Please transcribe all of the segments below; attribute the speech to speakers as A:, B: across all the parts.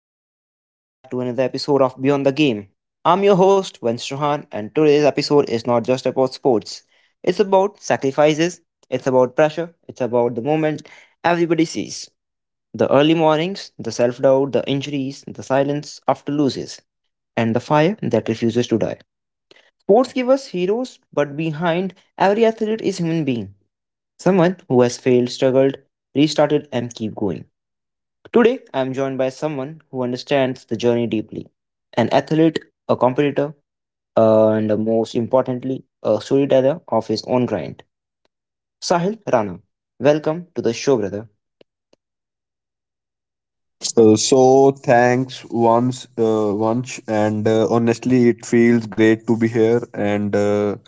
A: up, everyone? Welcome back to another episode of Beyond the Game. I'm your host, Vince Rohan, and today's episode is not just about sports. It's about sacrifices, it's about pressure, it's about the moment everybody sees the early mornings, the self doubt, the injuries, the silence after losses, and the fire that refuses to die. Sports give us heroes, but behind every athlete is a human being someone who has failed, struggled, restarted, and keep going. Today, I am joined by someone who understands the journey deeply an athlete, a competitor, and most importantly, a storyteller of his own grind. Sahil Rana, welcome to the show, brother.
B: So thanks once and honestly it feels great to be here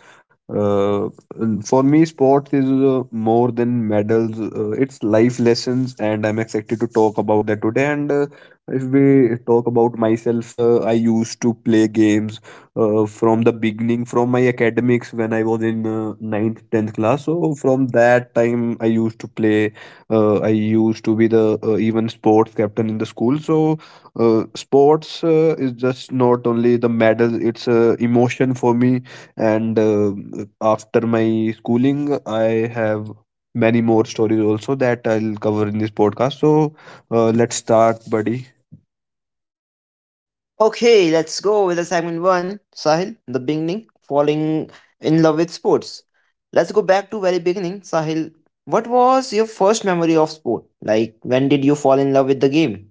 B: uh, and for me sports is more than medals, it's life lessons, and I'm excited to talk about that today. And uh, if we talk about myself, I used to play games from the beginning. From my academics, when I was in 9th, 10th class, so from that time I used to play. I used to be the even sports captain in the school. So sports is just not only the medal; it's a emotion for me. And after my schooling, I have many more stories also that I'll cover in this podcast. Let's start, buddy.
A: Okay, let's go with the segment one. Sahil, the beginning, falling in love with sports. Let's go back to very beginning. Sahil, what was your first memory of sport? Like, when did you fall in love with the game?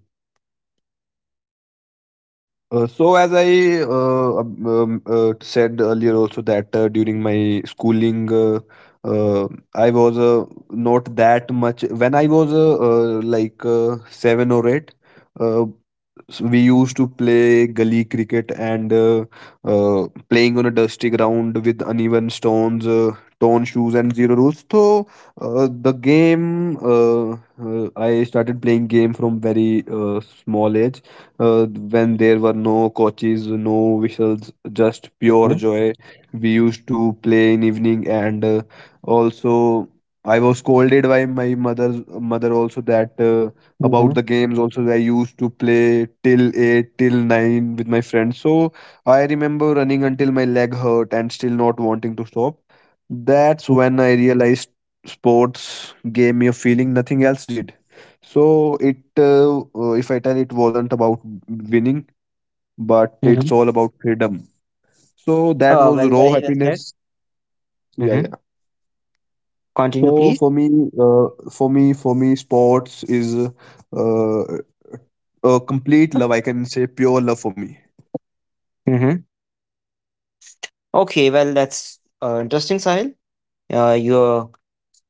B: So as I said earlier also, that during my schooling, uh, I was not that much. When I was seven or eight, uh, so we used to play gully cricket, and playing on a dusty ground with uneven stones, torn shoes, and zero rules. So the game, I started playing game from very small age, when there were no coaches, no whistles, just pure
A: Mm-hmm.
B: joy. We used to play in evening, and also I was scolded by my mother's mother also, that about
A: Mm-hmm.
B: the games. Also, I used to play till eight, till nine with my friends. So I remember running until my leg hurt and still not wanting to stop. That's when I realized sports gave me a feeling nothing else did. So if I tell, it wasn't about winning, but it's
A: Mm-hmm.
B: all about freedom. So that
A: Oh,
B: was
A: well,
B: raw
A: very well said.
B: happiness. Yeah, yeah.
A: Mm-hmm. Continue,
B: So
A: please.
B: for me, sports is uh, a complete love. I can say pure love for me.
A: Okay, well, that's interesting, Sahil. Your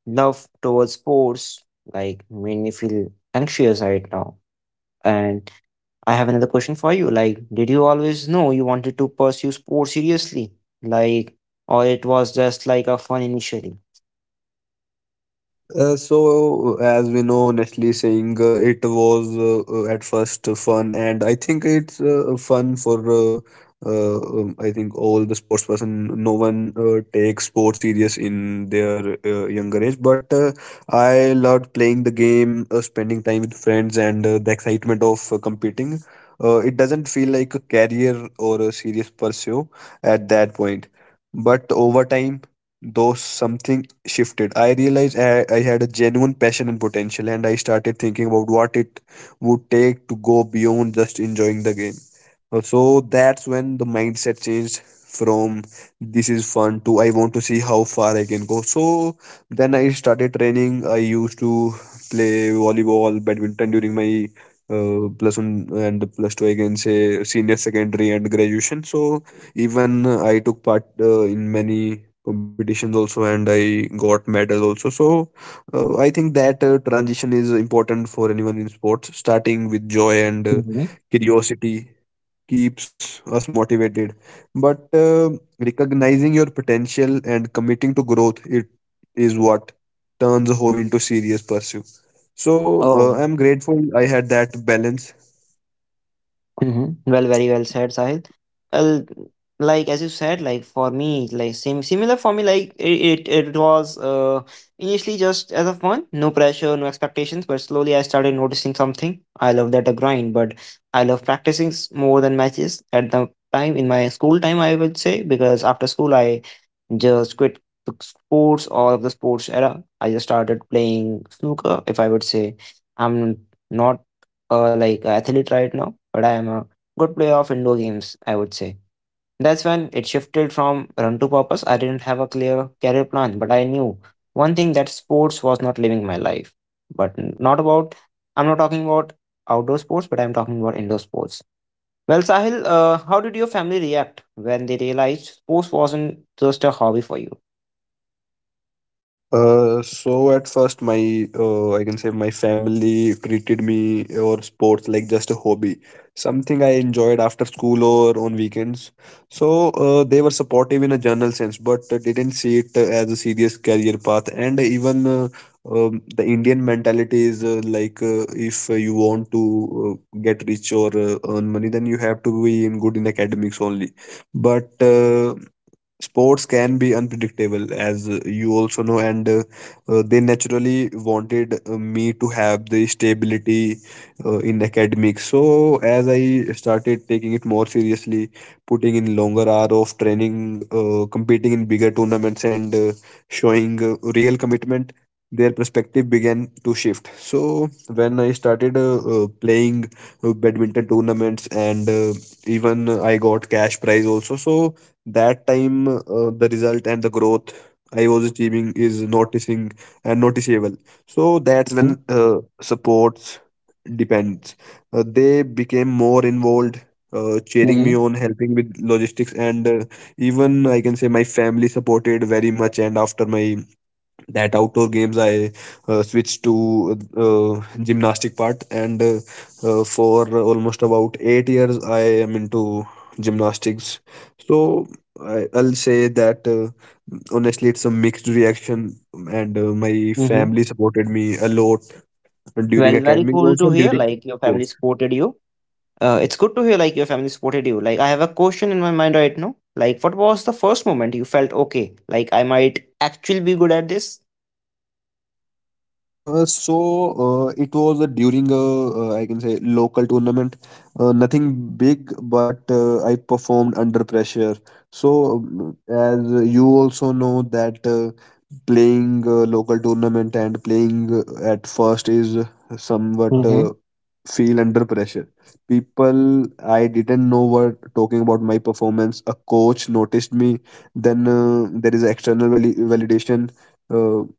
A: love towards sports like made me feel anxious right now. And I have another question for you. Like, did you always know you wanted to pursue sports seriously? Like, or it was just like a fun initially?
B: As we know, Nestle saying, it was at first fun, and I think it's fun for I think all the sports person. No one takes sports serious in their younger age, but I loved playing the game, spending time with friends, and the excitement of competing. It doesn't feel like a career or a serious pursuit at that point. But over time, though something shifted, I realized I had a genuine passion and potential, and I started thinking about what it would take to go beyond just enjoying the game. So that's when the mindset changed from this is fun to I want to see how far I can go. So then I started training. I used to play volleyball, badminton during my plus one and plus two, I can say senior secondary and graduation. So even I took part in many competitions also, and I got medal also. So I think that transition is important for anyone in sports. Starting with joy and
A: Mhm.
B: curiosity keeps us motivated, but recognizing your potential and committing to growth, it is what turns a hobby into serious pursuit. So
A: Oh,
B: I'm grateful I had that balance.
A: mhm. Well, very well said, Sahil. Well, like as you said, like for me, like same similar for me, like it was initially just as a fun, no pressure, no expectations. But slowly, I started noticing something. I love that a grind, but I love practicing more than matches at the time in my school time. I would say because after school, I just quit the sports or the sports era. I just started playing snooker. If I would say I'm not like an athlete right now, but I am a good player of indoor games, I would say. That's when it shifted from run to purpose. I didn't have a clear career plan, but I knew one thing that sports was not living my life. But not about, I'm not talking about outdoor sports, but I'm talking about indoor sports. Well, Sahil, how did your family react when they realized sports wasn't just a hobby for you?
B: So at first, my, I can say my family, treated me or sports like just a hobby, something I enjoyed after school or on weekends. So they were supportive in a general sense, but didn't see it as a serious career path. And even the Indian mentality is if you want to get rich or earn money, then you have to be in good in academics only. But sports can be unpredictable, as you also know, and they naturally wanted me to have the stability in academics. So as I started taking it more seriously, putting in longer hour of training, competing in bigger tournaments, and showing real commitment, their perspective began to shift. So when I started playing badminton tournaments, and even I got cash prize also, so that time the result and the growth I was achieving is noticing and noticeable. So that's when
A: Mhm,
B: supports depends, they became more involved, cheering
A: mhm,
B: me on, helping with logistics, and even I can say my family supported very much. And after my that outdoor games, I switched to uh, gymnastic part, and for almost about 8 years I am into gymnastics. So I'll say that honestly it's a mixed reaction, and my
A: mhm.
B: family supported me a lot during
A: Well, very
B: academics
A: cool
B: also,
A: to
B: and
A: hear,
B: during
A: like, your family
B: sports.
A: supported you. It's good to hear, like, your family supported you. Like, I have a question in my mind right now. Like, what was the first moment you felt, okay, like, I might actually be good at this?
B: Uh, so it was during a, I can say, local tournament. Nothing big, but I performed under pressure. So as you also know that playing a local tournament and playing at first is somewhat
A: Mm-hmm.
B: feel under pressure. People, I didn't know what talking about my performance. A coach noticed me. Then there is external validation. Uh,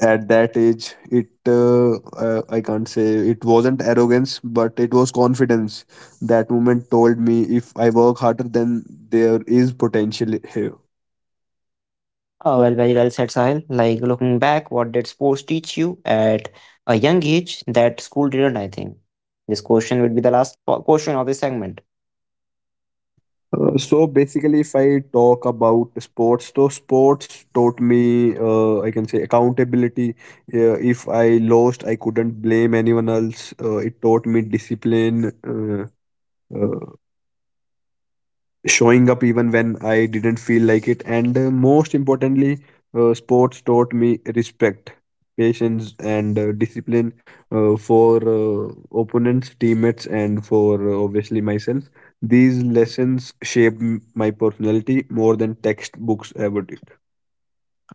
B: at that age it, I can't say it wasn't arrogance, but it was confidence. That moment told me if I work harder, then there is potential here.
A: Oh, well, very well said, Sahil. Like, looking back, what did sports teach you at a young age that school didn't, I think? This question would be the last question of this segment.
B: So basically, if I talk about sports, so sports taught me, I can say, accountability. If I lost, I couldn't blame anyone else. It taught me discipline, uh, showing up even when I didn't feel like it. And most importantly, sports taught me respect, patience, and discipline for opponents, teammates, and for obviously myself. These lessons shaped my personality more than textbooks ever did.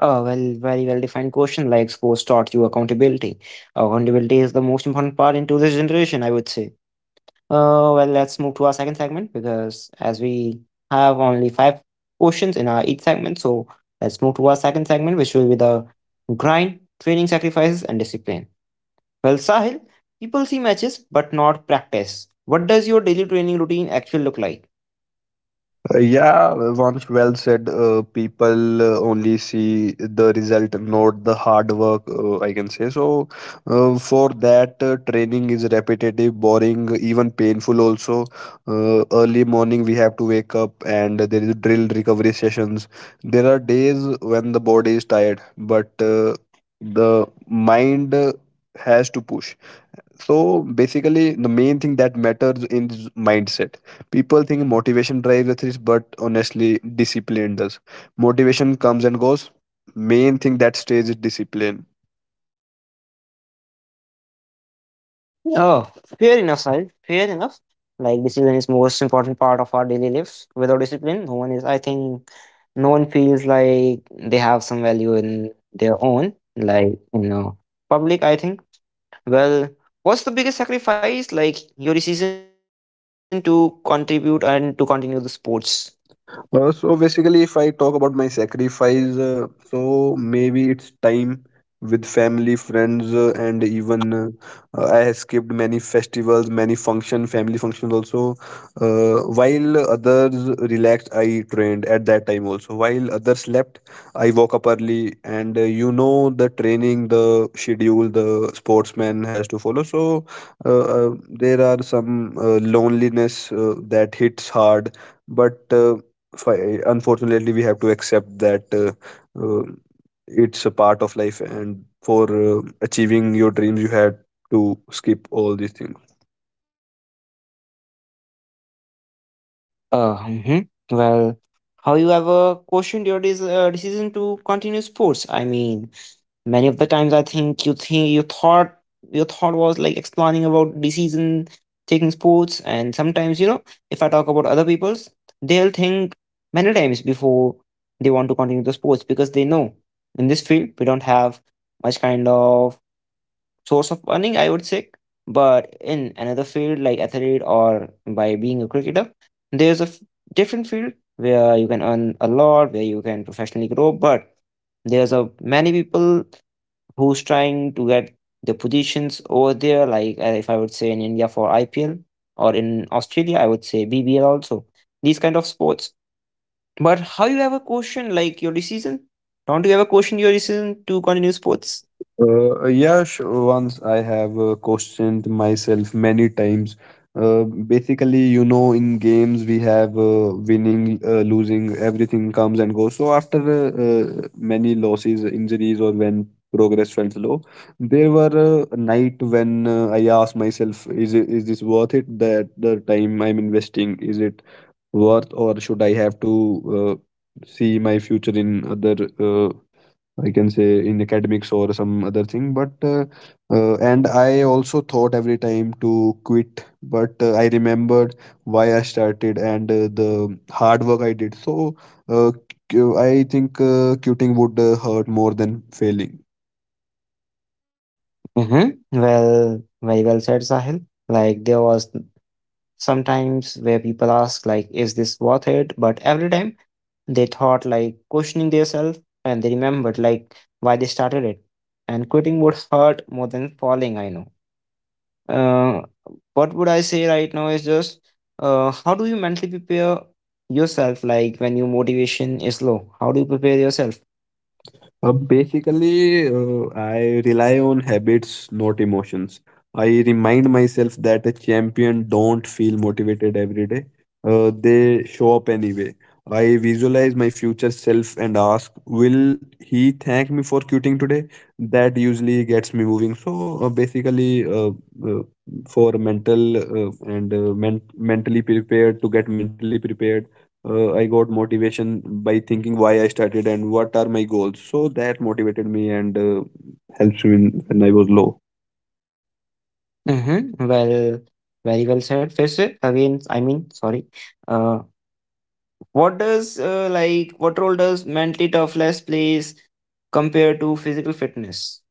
A: Oh, well, very well defined question. Like sports taught you accountability. Accountability is the most important part into this generation, I would say. Well, let's move to our second segment because as we have only five questions in our each segment, so let's move to our second segment, which will be the grind, training, sacrifices, and discipline. Well, Sahil, people see matches but not practice. What does your daily training routine actually look like?
B: Yeah, once well said. People only see the result, not the hard work. I can say so. For that, training is repetitive, boring, even painful. Also, early morning we have to wake up, and there is drill recovery sessions. There are days when the body is tired, but the mind has to push. So basically, the main thing that matters in this mindset: people think motivation drives the, but honestly discipline does. Motivation comes and goes; main thing that stays is discipline.
A: Oh, fair enough, Sahil. Fair enough. Like discipline is most important part of our daily lives. Without discipline, no one is. I think no one feels like they have some value in their own, like public. I think. Well, what's the biggest sacrifice? Like your decision to contribute and to continue the sports.
B: So basically, if I talk about my sacrifice, so maybe it's time with family, friends, and even I have skipped many festivals, many function, family functions also. While others relaxed, I trained at that time also. While others slept, I woke up early, and you know the training, the schedule, the sportsman has to follow. So there are some loneliness that hits hard, but. Unfortunately, we have to accept that, uh, it's a part of life, and for achieving your dreams, you had to skip all these things.
A: Mhm. Well, how you ever questioned your decision to continue sports? I mean, many of the times I think you thought your thought was like explaining about decision taking sports, and sometimes if I talk about other people's, they'll think many times before they want to continue the sports because they know in this field we don't have much kind of source of earning, I would say. But in another field like athlete or by being a cricketer, there's a different field where you can earn a lot, where you can professionally grow. But there's a many people who's trying to get the positions over there. Like if I would say in India for IPL or in Australia, I would say BBL also. These kind of sports. But how you ever question like your decision? Don't you ever question your decision to continue sports?
B: Yash, once I have questioned myself many times. Basically, you know, in games we have winning, losing, everything comes and goes. So after uh, many losses, injuries, or when progress felt low, there were a night when I asked myself, "Is it, is this worth it? That the time I'm investing, is it worth, or should I have to see my future in other?" I can say in academics or some other thing, but and I also thought every time to quit, but I remembered why I started, and the hard work I did. So uh, I think quitting would hurt more than failing.
A: Mhm. Well, very well said, Sahil. Like there was sometimes where people ask like, "Is this worth it?" But every time they thought like questioning themselves, and they remembered like why they started it. And quitting would hurt more than falling. I know. Uh, what would I say right now is just, how do you mentally prepare yourself? Like when your motivation is low, how do you prepare yourself?
B: Basically, I rely on habits, not emotions. I remind myself that a champion don't feel motivated every day. They show up anyway. I visualize my future self and ask, will he thank me for quitting today? That usually gets me moving. So basically, uh, for mental mentally prepared, to get mentally prepared, I got motivation by thinking why I started and what are my goals. So that motivated me, and helps me when I was low.
A: Mm-hmm. Well, very well said. First, again, I mean, sorry. Uh, What does like what role does mentally toughness plays compared to physical fitness?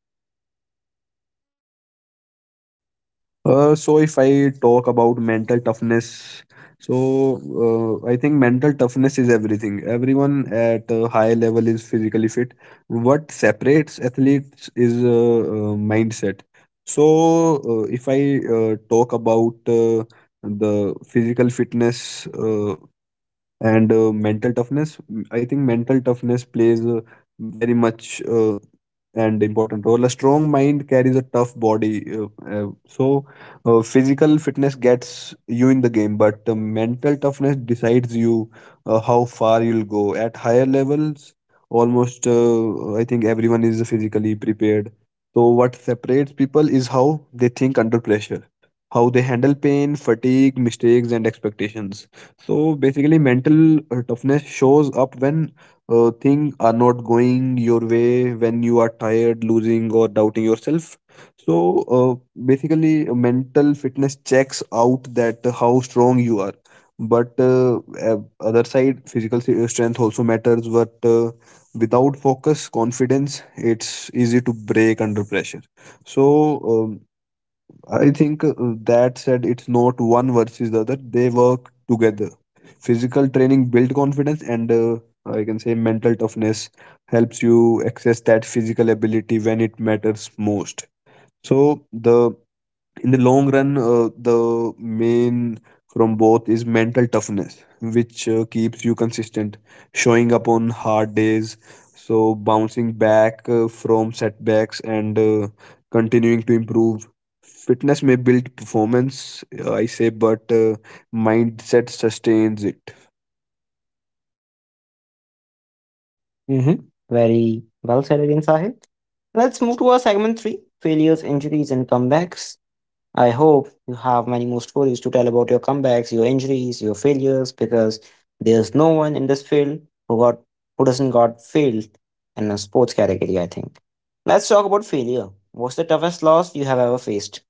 B: So if I talk about mental toughness, so I think mental toughness is everything. Everyone at a high level is physically fit. What separates athletes is mindset. So if I talk about the physical fitness. And mental toughness, I think mental toughness plays very much and important role. A strong mind carries a tough body. Physical fitness gets you in the game, but mental toughness decides you how far you'll go. At higher levels, almost I think everyone is physically prepared. So, what separates people is how they think under pressure, how they handle pain, fatigue, mistakes, and expectations. So basically, mental toughness shows up when things are not going your way, when you are tired, losing, or doubting yourself. So basically, mental fitness checks out that how strong you are. But other side, physical strength also matters. But without focus, confidence, it's easy to break under pressure. So um, I think that said, it's not one versus the other. They work together. Physical training builds confidence, and I can say mental toughness helps you access that physical ability when it matters most. So the in the long run, the main from both is mental toughness, which keeps you consistent, showing up on hard days, so bouncing back from setbacks and continuing to improve. Fitness may build performance, I say, but mindset sustains it.
A: Mm-hmm. Very well said again, Sahil. Let's move to our segment three failures, injuries, and comebacks. I hope you have many more stories to tell about your comebacks, your injuries, your failures, because there's no one in this field who got who doesn't got failed in a sports category, I think. Let's talk about failure. What's the toughest loss you have ever faced?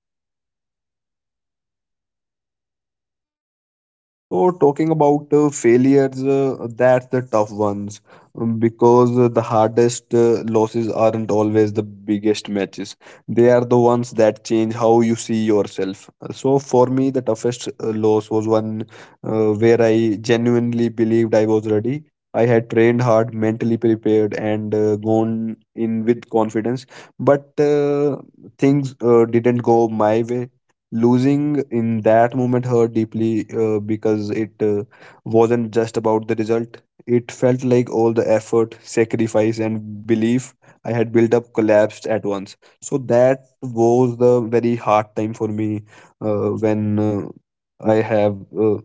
B: So, talking about failures, that's the tough ones because the hardest losses aren't always the biggest matches. They are the ones that change how you see yourself. So, for me, the toughest loss was one where I genuinely believed I was ready. I had trained hard, mentally prepared, and gone in with confidence, but things didn't go my way. Losing in that moment hurt deeply because it wasn't just about the result. It felt like all the effort, sacrifice, and belief I had built up collapsed at once. So that was the very hard time for me when I have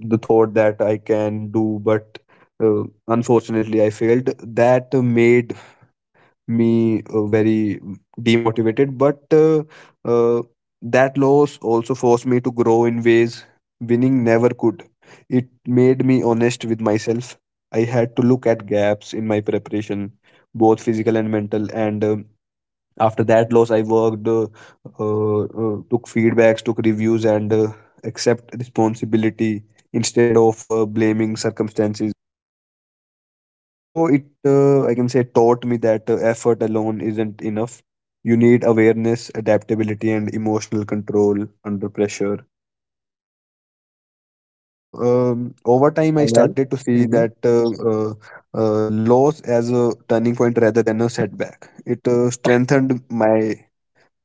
B: the thought that I can do, but unfortunately I failed. That made me very demotivated, but uh, that loss also forced me to grow in ways winning never could. It made me honest with myself. I had to look at gaps in my preparation, both physical and mental, and after that loss I worked, took feedbacks, took reviews, and accept responsibility instead of blaming circumstances. So it, I can say, taught me that effort alone isn't enough. You need awareness, adaptability, and emotional control under pressure. Over time, I
A: Well,
B: started to see
A: mm-hmm.
B: that loss as a turning point rather than a setback. It strengthened my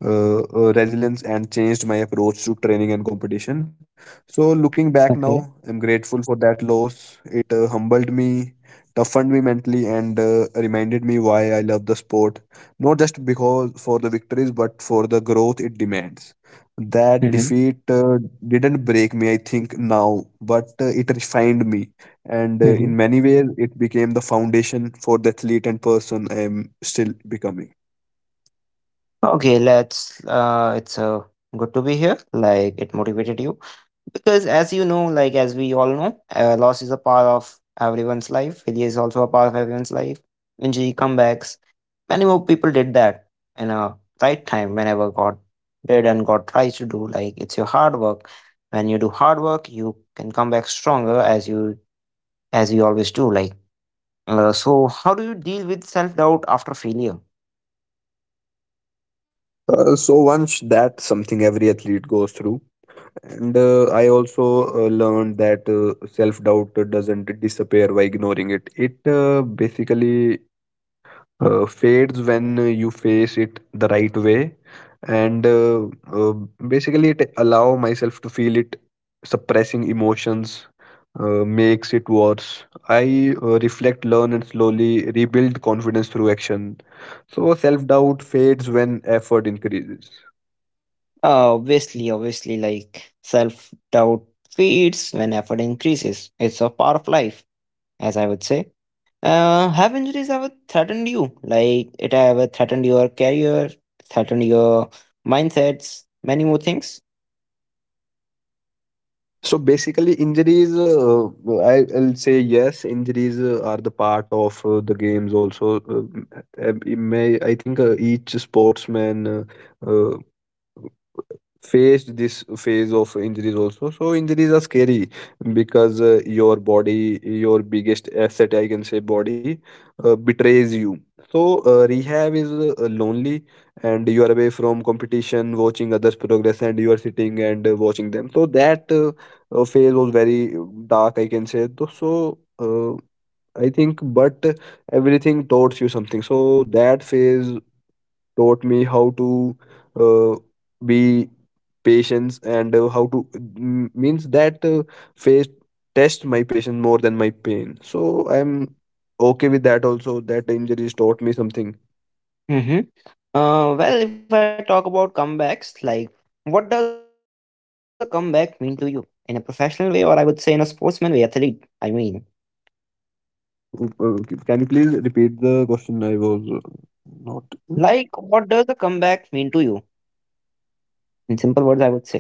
B: resilience and changed my approach to training and competition. So, looking back now,
A: Okay.
B: I'm grateful for that loss. It humbled me, toughened me mentally, and reminded me why I love the sport. Not just because for the victories, but for the growth it demands. That
A: Mm-hmm.
B: defeat didn't break me, I think, now, but it refined me. And in many ways, it became the foundation for the athlete and person I am still becoming.
A: Okay, let's it's good to be here. Like it motivated you. Because as you know, like as we all know, loss is a part of everyone's life. Failure is also a part of everyone's life. Injury comebacks. Many more people did that in a right time whenever God did and God tries to do. Like it's your hard work. When you do hard work, you can come back stronger as you always do. Like so how do you deal with self doubt after failure?
B: Once that's something every athlete goes through, and I also learned that self-doubt doesn't disappear by ignoring it. It basically fades when you face it the right way, and basically it allow myself to feel it. Suppressing emotions makes it worse. I reflect, learn, and slowly rebuild confidence through action. So self-doubt fades when effort increases.
A: Obviously, like self doubt fades when effort increases. It's a part of life, as I would say. Have injuries ever threatened you? Like, it ever threatened your career, threatened your mindsets, many more things.
B: So basically, injuries, I'll say yes, injuries are the part of the games also. It may, I think each sportsman uh, faced this phase of injuries also. So injuries are scary because your body, your biggest asset, I can say body, betrays you. So rehab is lonely and you are away from competition, watching others progress, and you are sitting and watching them. So that phase was very dark, I can say. Though, so I think, but everything taught you something. So that phase taught me how to uh, be patience and how to, means that phase test my patience more than my pain. So I'm okay with that also, that injuries taught me something.
A: Mm-hmm. Well, if I talk about comebacks, like, what does a comeback mean to you in a professional way, or I would say in a sportsman way, athlete? I mean,
B: uh, uh, can you please repeat the question? I was, not.
A: like, what does a comeback mean to you? In simple words, I would say.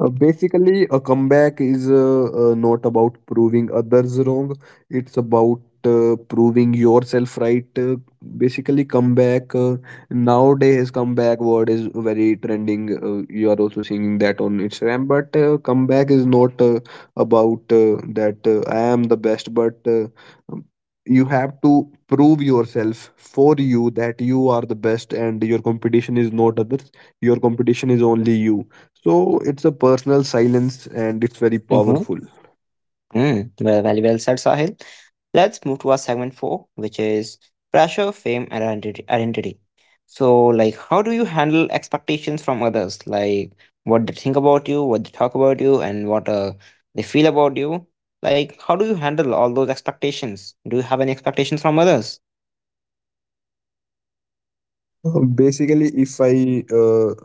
B: Basically, a comeback is not about proving others wrong. It's about proving yourself right. Basically, comeback, nowadays comeback word is very trending. You are also seeing that on Instagram. But comeback is not about that I am the best, but um, you have to prove yourself for you that you are the best and your competition is not others. Your competition is only you, so it's a personal silence and it's very powerful.
A: Mm, well, very well said, Sahil. Let's move to our segment four, which is pressure, fame, and identity. So, like, how do you handle expectations from others? Like, what they think about you, what they talk about you, and what they feel about you? Like, how do you handle all those expectations? Do you have any expectations from others?
B: Basically, if I, uh,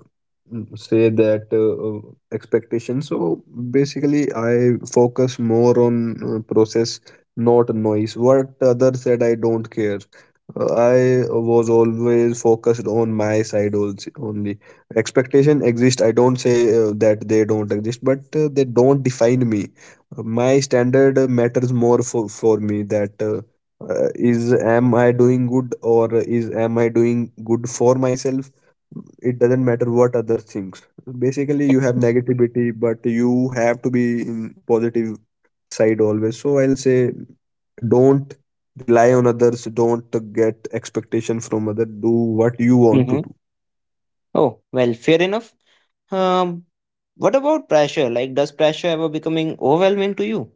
B: mm, say that expectation, so basically I focus more on process, not noise. What others said, I don't care. I was always focused on my side also, only. Expectation exist. I don't say that they don't exist, but they don't define me. My standard matters more for me that is am I doing good, or is am I doing good for myself? It doesn't matter what other things. Basically you have negativity, but you have to be in positive side always. So I'll say, don't rely on others, don't get expectation from other, do what you want to
A: Mm-hmm.
B: do.
A: Oh, well, fair enough. Um, what about pressure? Like, does pressure ever becoming overwhelming to you?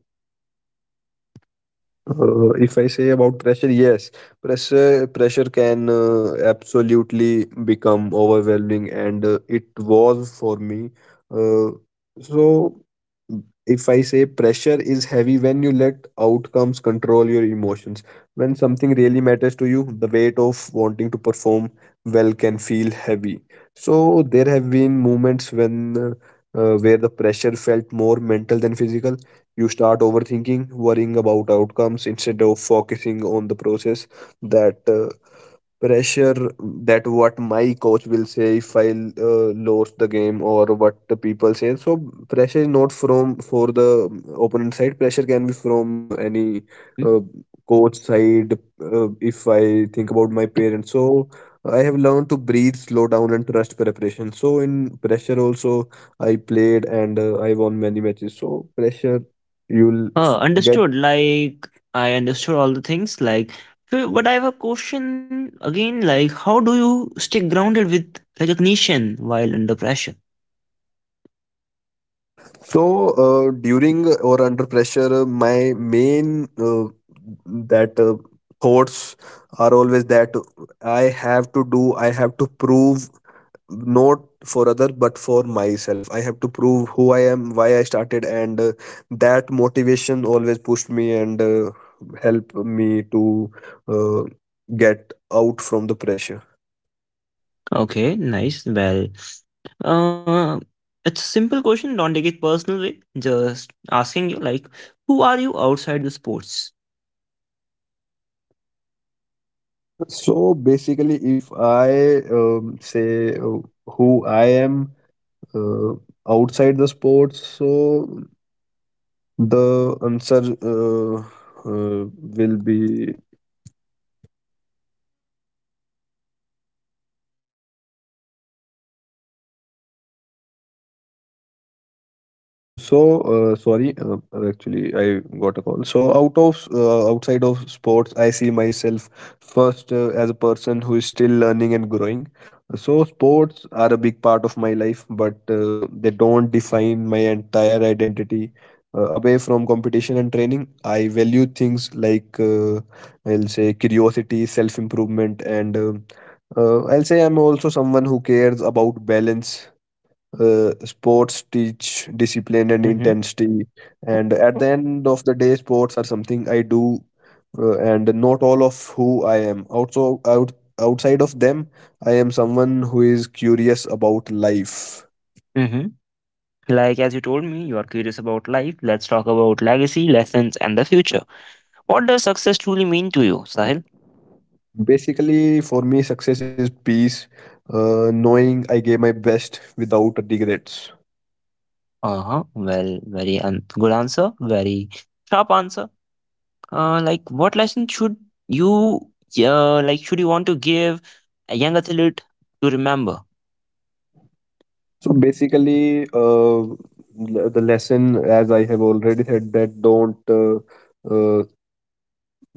B: If I say about pressure, yes, pressure can absolutely become overwhelming, and it was for me. Uh, so, if I say pressure is heavy when you let outcomes control your emotions, when something really matters to you, the weight of wanting to perform well can feel heavy. So there have been moments when where the pressure felt more mental than physical. You start overthinking, worrying about outcomes instead of focusing on the process. That pressure, that what my coach will say if I lose the game, or what the people say. So pressure is not from for the opponent side. Pressure can be from any uh, coach side. If I think about my parents, so I have learned to breathe, slow down, and trust preparation. So in pressure also I played and I won many matches. So pressure you'll get.
A: Understood. Like I understood all the things. Like, but I have a question again. Like, how do you stay grounded with recognition while under pressure?
B: So during or under pressure, my main that thoughts are always that I have to do, I have to prove, not for other but for myself. I have to prove who I am, why I started, and that motivation always pushed me and help me to uh, get out from the pressure.
A: Okay, nice. Well, uh, it's a simple question. Don't take it personal way. Just asking you, like, who are you outside the sports?
B: So basically, if I say who I am uh, outside the sports, so the answer will be, sorry, actually I got a call. So out of, outside of sports, I see myself first as a person who is still learning and growing. So sports are a big part of my life, but they don't define my entire identity. Away from competition and training, I value things like I'll say curiosity, self improvement, and I'll say I'm also someone who cares about balance. Sports teach discipline and
A: Mm-hmm.
B: intensity, and at the end of the day sports are something I do and not all of who I am. Also out, outside of them, I am someone who is curious about life.
A: Mm-hmm. Like as you told me, you are curious about life. Let's talk about legacy, lessons, and the future. What does success truly mean to you, Sahil?
B: Basically for me success is peace, knowing I gave my best without regrets.
A: Uh-huh. Well, very un good answer, very sharp answer. Like what lesson you should you want to give a young athlete to remember?
B: So basically, the lesson, as I have already said, that don't, uh,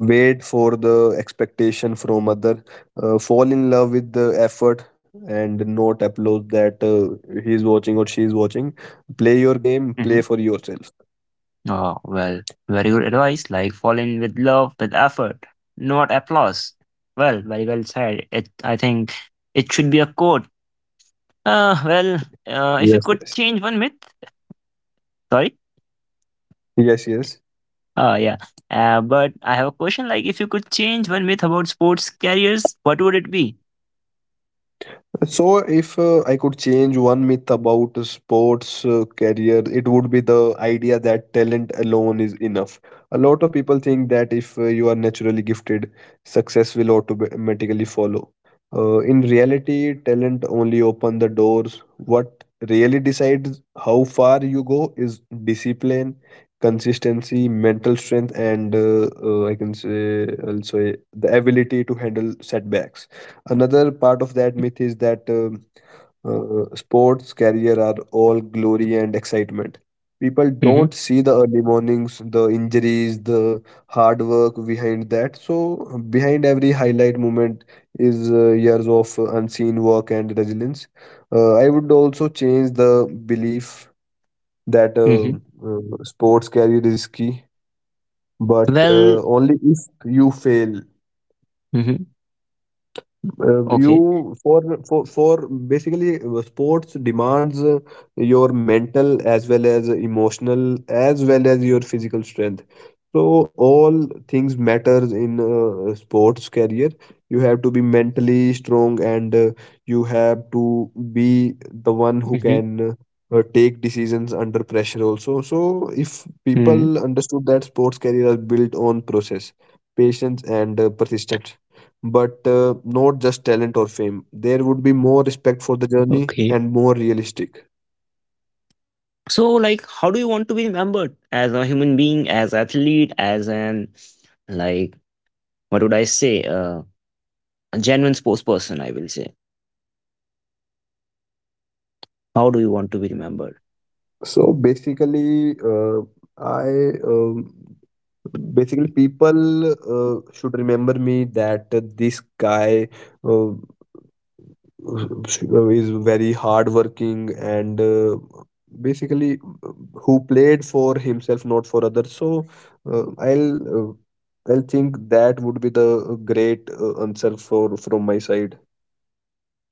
B: wait for the expectation from other. Fall in love with the effort and not applaud that he's watching or she's watching. Play your game, play
A: Mm-hmm.
B: for yourself.
A: Oh, well, very good advice. Like fall in with love, with effort, not applause. Well, very well said. It I think it should be a quote. Well, if you
B: Yes,
A: could
B: yes.
A: change one myth, sorry.
B: Yes, yes.
A: Yeah. But I have a question. Like, if you could change one myth about sports careers, what would it be?
B: So, if I could change one myth about sports career, it would be the idea that talent alone is enough. A lot of people think that if you are naturally gifted, success will automatically follow. In reality, talent only open the doors. What really decides how far you go is discipline, consistency, mental strength, and I can say also the ability to handle setbacks. Another part of that
A: Mhm,
B: myth is that sports career are all glory and excitement. People don't
A: mhm,
B: see the early mornings, the injuries, the hard work behind that. So behind every highlight moment is years of unseen work and resilience. I would also change the belief that
A: mhm.
B: sports career is risky, but
A: Well,
B: only if you fail.
A: mhm. Okay.
B: You for basically sports demands your mental as well as emotional as well as your physical strength. So all things matters in sports career. You have to be mentally strong and you have to be the one who
A: Mhm,
B: can take decisions under pressure also. So if people
A: mhm,
B: understood that sports career are built on process, patience and persistence, but not just talent or fame, there would be more respect for the
A: okay.
B: journey and more realistic.
A: So, like, how do you want to be remembered as a human being, as athlete, as an like, what would I say? A genuine sports person, I will say. How do you want to be remembered?
B: So basically, I, basically people should remember me that this guy uh, is very hardworking and basically uh, who played for himself, not for others. So uh, I'll uh, I'll think that would be the great answer for from my side.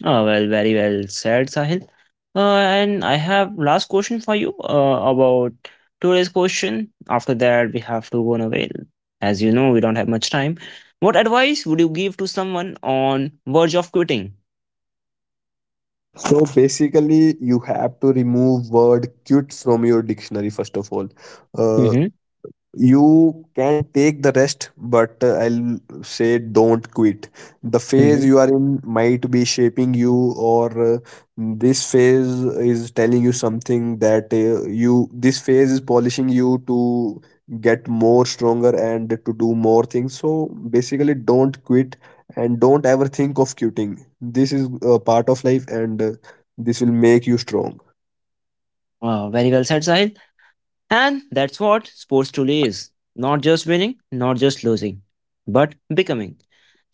A: Oh, well, very well said, Sahil. And I have last question for you about today's question. After that, we have to go on away. As you know, we don't have much time. What advice would you give to someone on verge of quitting?
B: So basically, you have to remove word cute from your dictionary first of all. Uh,
A: Mm-hmm.
B: you can take the rest, but I'll say don't quit. The phase
A: Mm-hmm.
B: you are in might be shaping you, or this phase is telling you something, that you, this phase is polishing you to get more stronger and to do more things. So basically don't quit and don't ever think of quitting. This is a part of life and this will make you strong.
A: Wow, very well said, Sahil. And that's what sports truly is. Not just winning, not just losing, but becoming.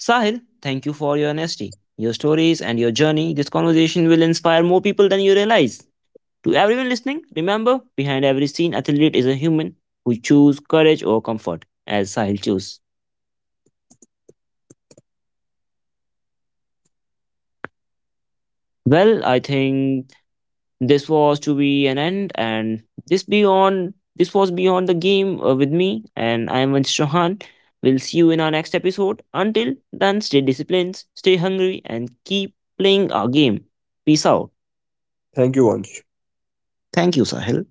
A: Sahil, thank you for your honesty, your stories, and your journey. This conversation will inspire more people than you realize. To everyone listening, remember behind every seen athlete is a human who choose courage or comfort, as Sahil chose. Well, I think this was to be an end, and this was beyond the game with me, and I am Vansh Chauhan. We'll see you in our next episode. Until then, stay disciplined, stay hungry, and keep playing our game. Peace out.
B: Thank you, Vansh.
A: Thank you, Sahil.